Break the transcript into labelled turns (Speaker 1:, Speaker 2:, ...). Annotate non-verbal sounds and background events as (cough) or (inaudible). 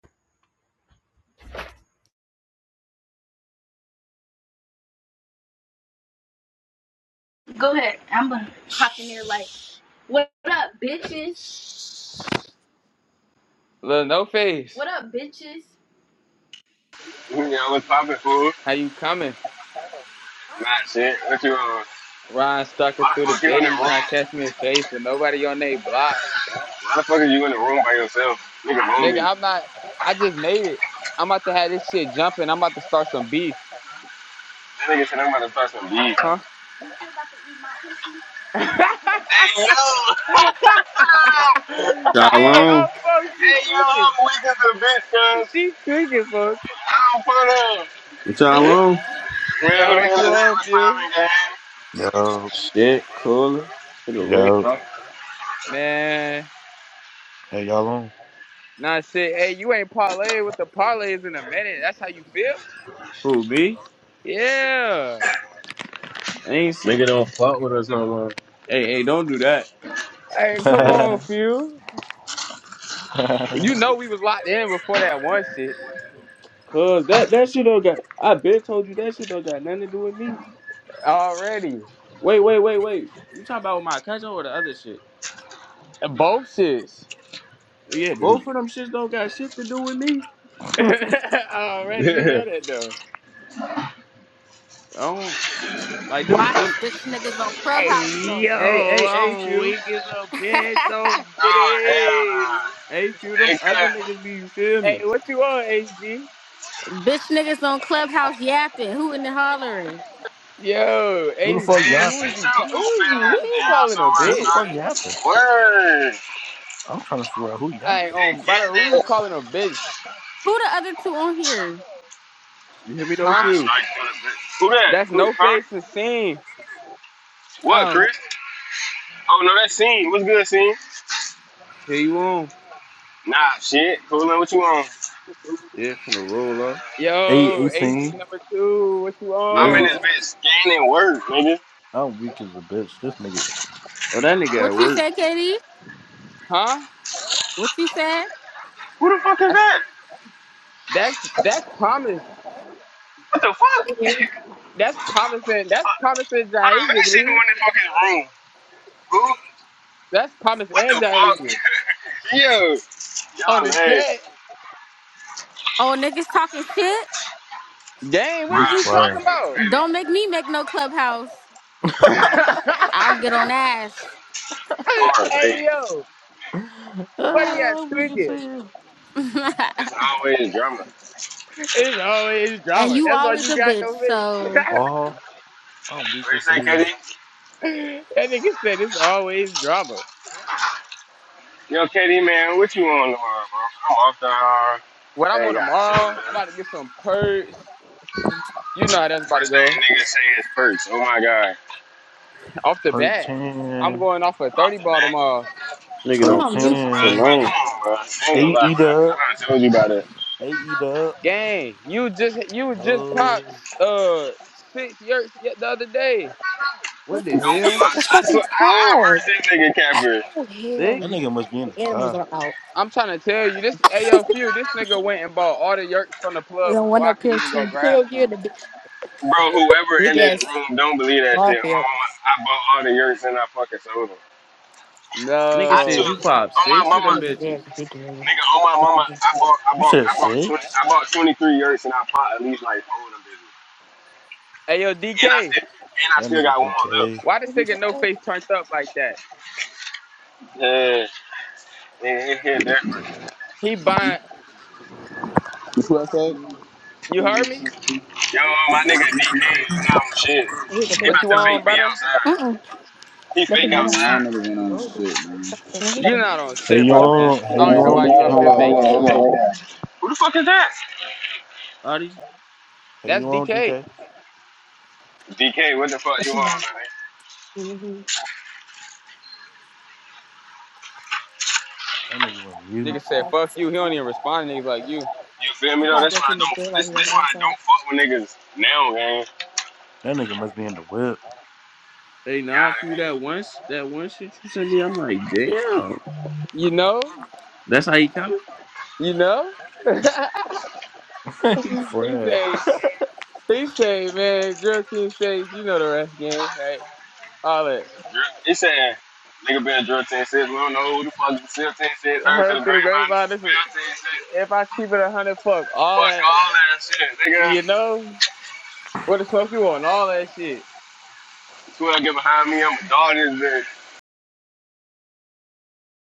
Speaker 1: Look, no face.
Speaker 2: You know what's poppin', fool?
Speaker 1: How you coming?
Speaker 2: Not shit. What you on? Why
Speaker 1: Ryan
Speaker 2: the
Speaker 1: stalking through the
Speaker 2: fuck you in the room?
Speaker 1: bitty,
Speaker 2: Why
Speaker 1: trying to catch me in face, but nobody on they block.
Speaker 2: the fuck are you in the room by yourself? Nigga lonely.
Speaker 1: Nigga,
Speaker 2: That
Speaker 1: I'm not. I just made it. I'm about to have this shit jumping. I'm about to start some beef,
Speaker 2: nigga said I'm about to start some beef. Hey
Speaker 1: huh?
Speaker 2: yo! (laughs)
Speaker 1: (laughs) hey,
Speaker 3: Y'all
Speaker 1: oh,
Speaker 3: on?
Speaker 1: folks, she
Speaker 2: hey yo,
Speaker 1: tweaking.
Speaker 2: I'm weak as a bitch, cuz.
Speaker 1: She tweaking, folks.
Speaker 2: I don't put up.
Speaker 3: What y'all
Speaker 1: (laughs)
Speaker 3: on?
Speaker 2: Well, who
Speaker 1: Yo,
Speaker 2: the
Speaker 1: what
Speaker 2: hell is
Speaker 1: you
Speaker 2: that?
Speaker 1: on,
Speaker 2: What's
Speaker 1: few?
Speaker 2: poppin',
Speaker 4: Yo,
Speaker 3: Shit, cooler. It'll roll
Speaker 4: yo,
Speaker 3: up.
Speaker 1: Man,
Speaker 4: hey y'all on?
Speaker 1: nah, shit. Hey, you ain't parlay with the parlays in a minute. That's how you feel?
Speaker 3: Who me?
Speaker 1: Yeah.
Speaker 3: I ain't. See-
Speaker 2: gang? Nigga don't fuck with us no more.
Speaker 3: hey, hey, don't do that.
Speaker 1: Hey,
Speaker 2: (laughs) oh,
Speaker 1: come on,
Speaker 4: (laughs)
Speaker 1: few. You know we was locked in before that one shit.
Speaker 3: Cause that that shit don't got. I been told you that shit don't got nothing to do with me.
Speaker 1: Already.
Speaker 3: Wait, wait, wait, wait. You talking about my cousin or the other shit?
Speaker 1: Both shits.
Speaker 3: Yeah, both of them shits don't got shit to do with me.
Speaker 1: (laughs) Already, you know that though.
Speaker 3: I don't like them.
Speaker 5: Why is
Speaker 3: Them.
Speaker 5: bitch niggas on Clubhouse
Speaker 1: Hey
Speaker 5: though?
Speaker 3: Hey,
Speaker 1: yo,
Speaker 3: hey, hey,
Speaker 1: I'm
Speaker 3: few.
Speaker 1: weak as a bitch, so
Speaker 5: (laughs)
Speaker 2: hell nah.
Speaker 1: bitty.
Speaker 3: Hey, few.
Speaker 2: Hey,
Speaker 3: Them
Speaker 2: cuz.
Speaker 3: other niggas be. You feel
Speaker 1: Hey,
Speaker 3: me?
Speaker 1: what you on, HG?
Speaker 5: Bitch niggas on Clubhouse yapping, hooting and hollering.
Speaker 1: Yo,
Speaker 4: who the fuck
Speaker 2: Man,
Speaker 1: HG, who
Speaker 4: yapping?
Speaker 2: sit
Speaker 1: is you?
Speaker 2: your
Speaker 1: Ta- who
Speaker 2: goofy
Speaker 1: is you? Who
Speaker 2: ass
Speaker 1: you
Speaker 2: down
Speaker 1: calling a
Speaker 2: somewhere,
Speaker 4: Who the
Speaker 1: bitch?
Speaker 4: fuck
Speaker 2: Shorty.
Speaker 4: yapping?
Speaker 2: Word.
Speaker 4: I'm trying to figure out who
Speaker 1: Hey,
Speaker 4: yapping.
Speaker 2: Hey,
Speaker 1: um, by
Speaker 2: Get
Speaker 1: the way,
Speaker 2: that
Speaker 1: who you calling a bitch?
Speaker 5: Who the other two on here?
Speaker 3: You hear me? Those
Speaker 1: Huh?
Speaker 3: few.
Speaker 2: Who that?
Speaker 1: That's
Speaker 2: Who,
Speaker 1: no
Speaker 2: huh?
Speaker 1: face and scene.
Speaker 2: What,
Speaker 5: Oh,
Speaker 2: Chris? Oh, no, that's Scene. What's good, Scene?
Speaker 3: Here you on?
Speaker 2: Nah, shit. Coolin', what you on?
Speaker 3: Yeah, finna roll up.
Speaker 4: Hey,
Speaker 1: Yo, HG
Speaker 4: 18.
Speaker 1: number two, what you
Speaker 2: I'm
Speaker 3: Yeah.
Speaker 4: Hey,
Speaker 2: in this
Speaker 1: on?
Speaker 2: bitch scanning word, nigga.
Speaker 4: I'm weak as a bitch. This nigga,
Speaker 3: Oh, that nigga
Speaker 5: what
Speaker 3: at
Speaker 5: you
Speaker 3: work.
Speaker 5: said, Katie?
Speaker 1: Huh?
Speaker 5: What you said?
Speaker 2: Who the fuck is
Speaker 1: I s
Speaker 2: that?
Speaker 1: that's that's promise.
Speaker 2: What the fuck?
Speaker 6: Yeah.
Speaker 1: That's promising. That's promising
Speaker 2: Hold on, let me
Speaker 1: Jaisha,
Speaker 2: see who in
Speaker 1: believe.
Speaker 2: this fucking room. Who?
Speaker 1: That's promise
Speaker 2: What
Speaker 1: and
Speaker 2: the fuck?
Speaker 1: Jaisha.
Speaker 2: (laughs) Yo.
Speaker 1: On
Speaker 2: Y'all
Speaker 1: the
Speaker 2: ass.
Speaker 1: set.
Speaker 5: Oh, niggas talking shit?
Speaker 1: Dang, what
Speaker 4: you
Speaker 1: is
Speaker 2: Ride,
Speaker 1: you talking
Speaker 2: Strike
Speaker 4: fine.
Speaker 2: to
Speaker 1: about?
Speaker 2: the
Speaker 5: Don't
Speaker 2: bitty.
Speaker 5: make me make no Clubhouse.
Speaker 1: (laughs)
Speaker 5: I'll get on ass.
Speaker 2: Hard,
Speaker 1: hey
Speaker 2: baby.
Speaker 1: yo,
Speaker 4: (laughs)
Speaker 1: funny ass
Speaker 4: Ah, I'm weak as
Speaker 1: tweaking.
Speaker 4: hell.
Speaker 5: (laughs) and
Speaker 2: It's always drama. What
Speaker 1: It's always drama.
Speaker 5: you
Speaker 1: That's all
Speaker 5: always
Speaker 1: you
Speaker 5: a
Speaker 1: got,
Speaker 5: bitch,
Speaker 1: no
Speaker 5: so.
Speaker 1: face. (laughs)
Speaker 4: Oh, I'm weak
Speaker 2: you
Speaker 4: as
Speaker 2: say,
Speaker 4: hell.
Speaker 2: KD?
Speaker 1: that nigga said it's always drama.
Speaker 2: Yo, KD, man, what you on tomorrow, bro? I'm off the hour.
Speaker 1: When I'm
Speaker 2: Hey,
Speaker 1: on
Speaker 2: got shit.
Speaker 1: tomorrow,
Speaker 2: to
Speaker 1: I'm
Speaker 2: do.
Speaker 1: about to get some perks. You know how that's about to
Speaker 2: First
Speaker 1: go.
Speaker 2: thing nigga say is perks. Oh my god.
Speaker 1: Off the
Speaker 4: Perk
Speaker 1: bat, I'm
Speaker 4: 10.
Speaker 1: going off a
Speaker 2: Off
Speaker 1: 30
Speaker 2: the
Speaker 1: ball
Speaker 2: back.
Speaker 1: tomorrow.
Speaker 3: Nigga
Speaker 6: She
Speaker 4: Perk
Speaker 6: went
Speaker 3: don't
Speaker 6: on
Speaker 3: leave them
Speaker 6: mute.
Speaker 2: Bro,
Speaker 3: shits
Speaker 4: 10.
Speaker 2: bro,
Speaker 3: alone.
Speaker 2: come on, bro. I ain't gonna
Speaker 4: Hey,
Speaker 2: lie, bro.
Speaker 4: eat up.
Speaker 2: I done told you about it.
Speaker 4: Hey, eat up.
Speaker 1: Gang, you just you just popped
Speaker 4: No.
Speaker 1: uh six yerks yet the other day.
Speaker 3: What
Speaker 6: What the
Speaker 3: the
Speaker 2: Don't
Speaker 6: f-
Speaker 2: be
Speaker 6: It's
Speaker 3: hell?
Speaker 6: such
Speaker 2: lying.
Speaker 6: a
Speaker 2: I,
Speaker 6: fucking
Speaker 2: swear, I,
Speaker 6: frog.
Speaker 2: I merged this nigga capper.
Speaker 6: Oh, hell.
Speaker 4: That
Speaker 6: no.
Speaker 3: Six?
Speaker 4: nigga must be in
Speaker 6: The
Speaker 4: the
Speaker 6: animals
Speaker 4: car.
Speaker 6: are out.
Speaker 1: I'm trying to tell you, this AO few, this nigga went and bought all the yerks from the
Speaker 6: And
Speaker 1: plug
Speaker 6: then one
Speaker 1: before I
Speaker 6: up
Speaker 1: could
Speaker 6: here,
Speaker 1: even go
Speaker 6: too.
Speaker 1: grab
Speaker 6: Hell yeah,
Speaker 1: some.
Speaker 6: the big,
Speaker 2: Bro, whoever
Speaker 6: big
Speaker 2: in this
Speaker 6: ass
Speaker 2: room, don't believe that shit. On my
Speaker 6: Garfield.
Speaker 2: mama, I bought all the yurts and I fucking sold them.
Speaker 3: Nigga
Speaker 2: I took,
Speaker 3: says
Speaker 1: No.
Speaker 3: you pop
Speaker 2: on my
Speaker 3: six of
Speaker 6: That
Speaker 2: mama,
Speaker 3: them
Speaker 6: nigga
Speaker 3: bitches.
Speaker 6: dead, big man.
Speaker 2: nigga, on my
Speaker 6: We
Speaker 2: mama, I bought, I
Speaker 4: You
Speaker 2: bought,
Speaker 4: said
Speaker 2: I bought 20,
Speaker 4: six?
Speaker 2: I bought 23 yurts and I bought at least like four of them bitches.
Speaker 1: Ayo
Speaker 2: And I
Speaker 1: DK,
Speaker 2: still, and I
Speaker 4: That
Speaker 2: still
Speaker 4: nigga
Speaker 2: got one more
Speaker 4: DK.
Speaker 2: left.
Speaker 1: why this nigga no face turned up like that?
Speaker 2: Yeah, yeah, it hit different.
Speaker 1: He buying
Speaker 7: You feel what I said?
Speaker 1: you heard me?
Speaker 2: Yo, my nigga DK, you not on shit.
Speaker 6: go
Speaker 2: He
Speaker 6: hit him,
Speaker 1: What
Speaker 2: about
Speaker 1: you
Speaker 2: to
Speaker 6: too.
Speaker 1: on,
Speaker 2: fake me
Speaker 1: brother?
Speaker 2: outside.
Speaker 6: Uh-uh.
Speaker 2: He
Speaker 6: They can
Speaker 2: fake
Speaker 6: hurt us.
Speaker 7: Man, I
Speaker 2: outside.
Speaker 7: never ain't on
Speaker 6: No, they
Speaker 7: shit, man.
Speaker 1: You
Speaker 6: don't.
Speaker 1: not on
Speaker 4: Hey,
Speaker 1: shit,
Speaker 4: you
Speaker 1: brother man.
Speaker 4: on? Hey,
Speaker 1: I don't
Speaker 4: you
Speaker 1: even know
Speaker 4: on,
Speaker 1: why you up
Speaker 4: DK?
Speaker 7: Hold
Speaker 1: here
Speaker 7: on, hold
Speaker 1: faking.
Speaker 7: on, hold on.
Speaker 2: Who the fuck is that?
Speaker 3: All these
Speaker 4: Hey,
Speaker 1: That's
Speaker 4: you on, DK?
Speaker 1: DK.
Speaker 2: DK, what the fuck
Speaker 6: But
Speaker 2: you
Speaker 6: she
Speaker 2: on,
Speaker 6: like,
Speaker 2: man?
Speaker 6: mm-hmm.
Speaker 4: That nigga went mute.
Speaker 1: Nigga
Speaker 6: All
Speaker 1: said,
Speaker 6: right.
Speaker 1: fuck you. He don't even respond to niggas like you.
Speaker 2: You feel me
Speaker 6: I'm
Speaker 2: though? That's
Speaker 6: probably
Speaker 2: why I
Speaker 6: looking the
Speaker 2: don't.
Speaker 6: bill
Speaker 2: This
Speaker 6: right here
Speaker 2: this why I
Speaker 6: outside.
Speaker 2: don't fuck with niggas now, man.
Speaker 4: That nigga must be in the whip.
Speaker 3: they not
Speaker 2: Got
Speaker 3: few that
Speaker 2: it,
Speaker 3: once. that one shit you sent me. I'm like, damn.
Speaker 1: You know?
Speaker 3: That's how you coming?
Speaker 1: You know?
Speaker 4: (laughs) he
Speaker 1: (laughs) He
Speaker 4: fried.
Speaker 1: said He say, man, Joaquin says, you know the rest, gang, right? All that.
Speaker 2: man. He said, nigga been drill ten cents. We don't know who the fuck is still ten cents. Heard to the
Speaker 1: Heard through the
Speaker 2: grapevine,
Speaker 1: grapevine, this is,
Speaker 2: still ten cents.
Speaker 1: if I keep it a 100, fuck, all
Speaker 2: Fuck
Speaker 1: that,
Speaker 2: all that shit, nigga.
Speaker 1: you know, what the smoke you want, all that shit.
Speaker 2: Swear, get behind me. I'm a dog this bitch.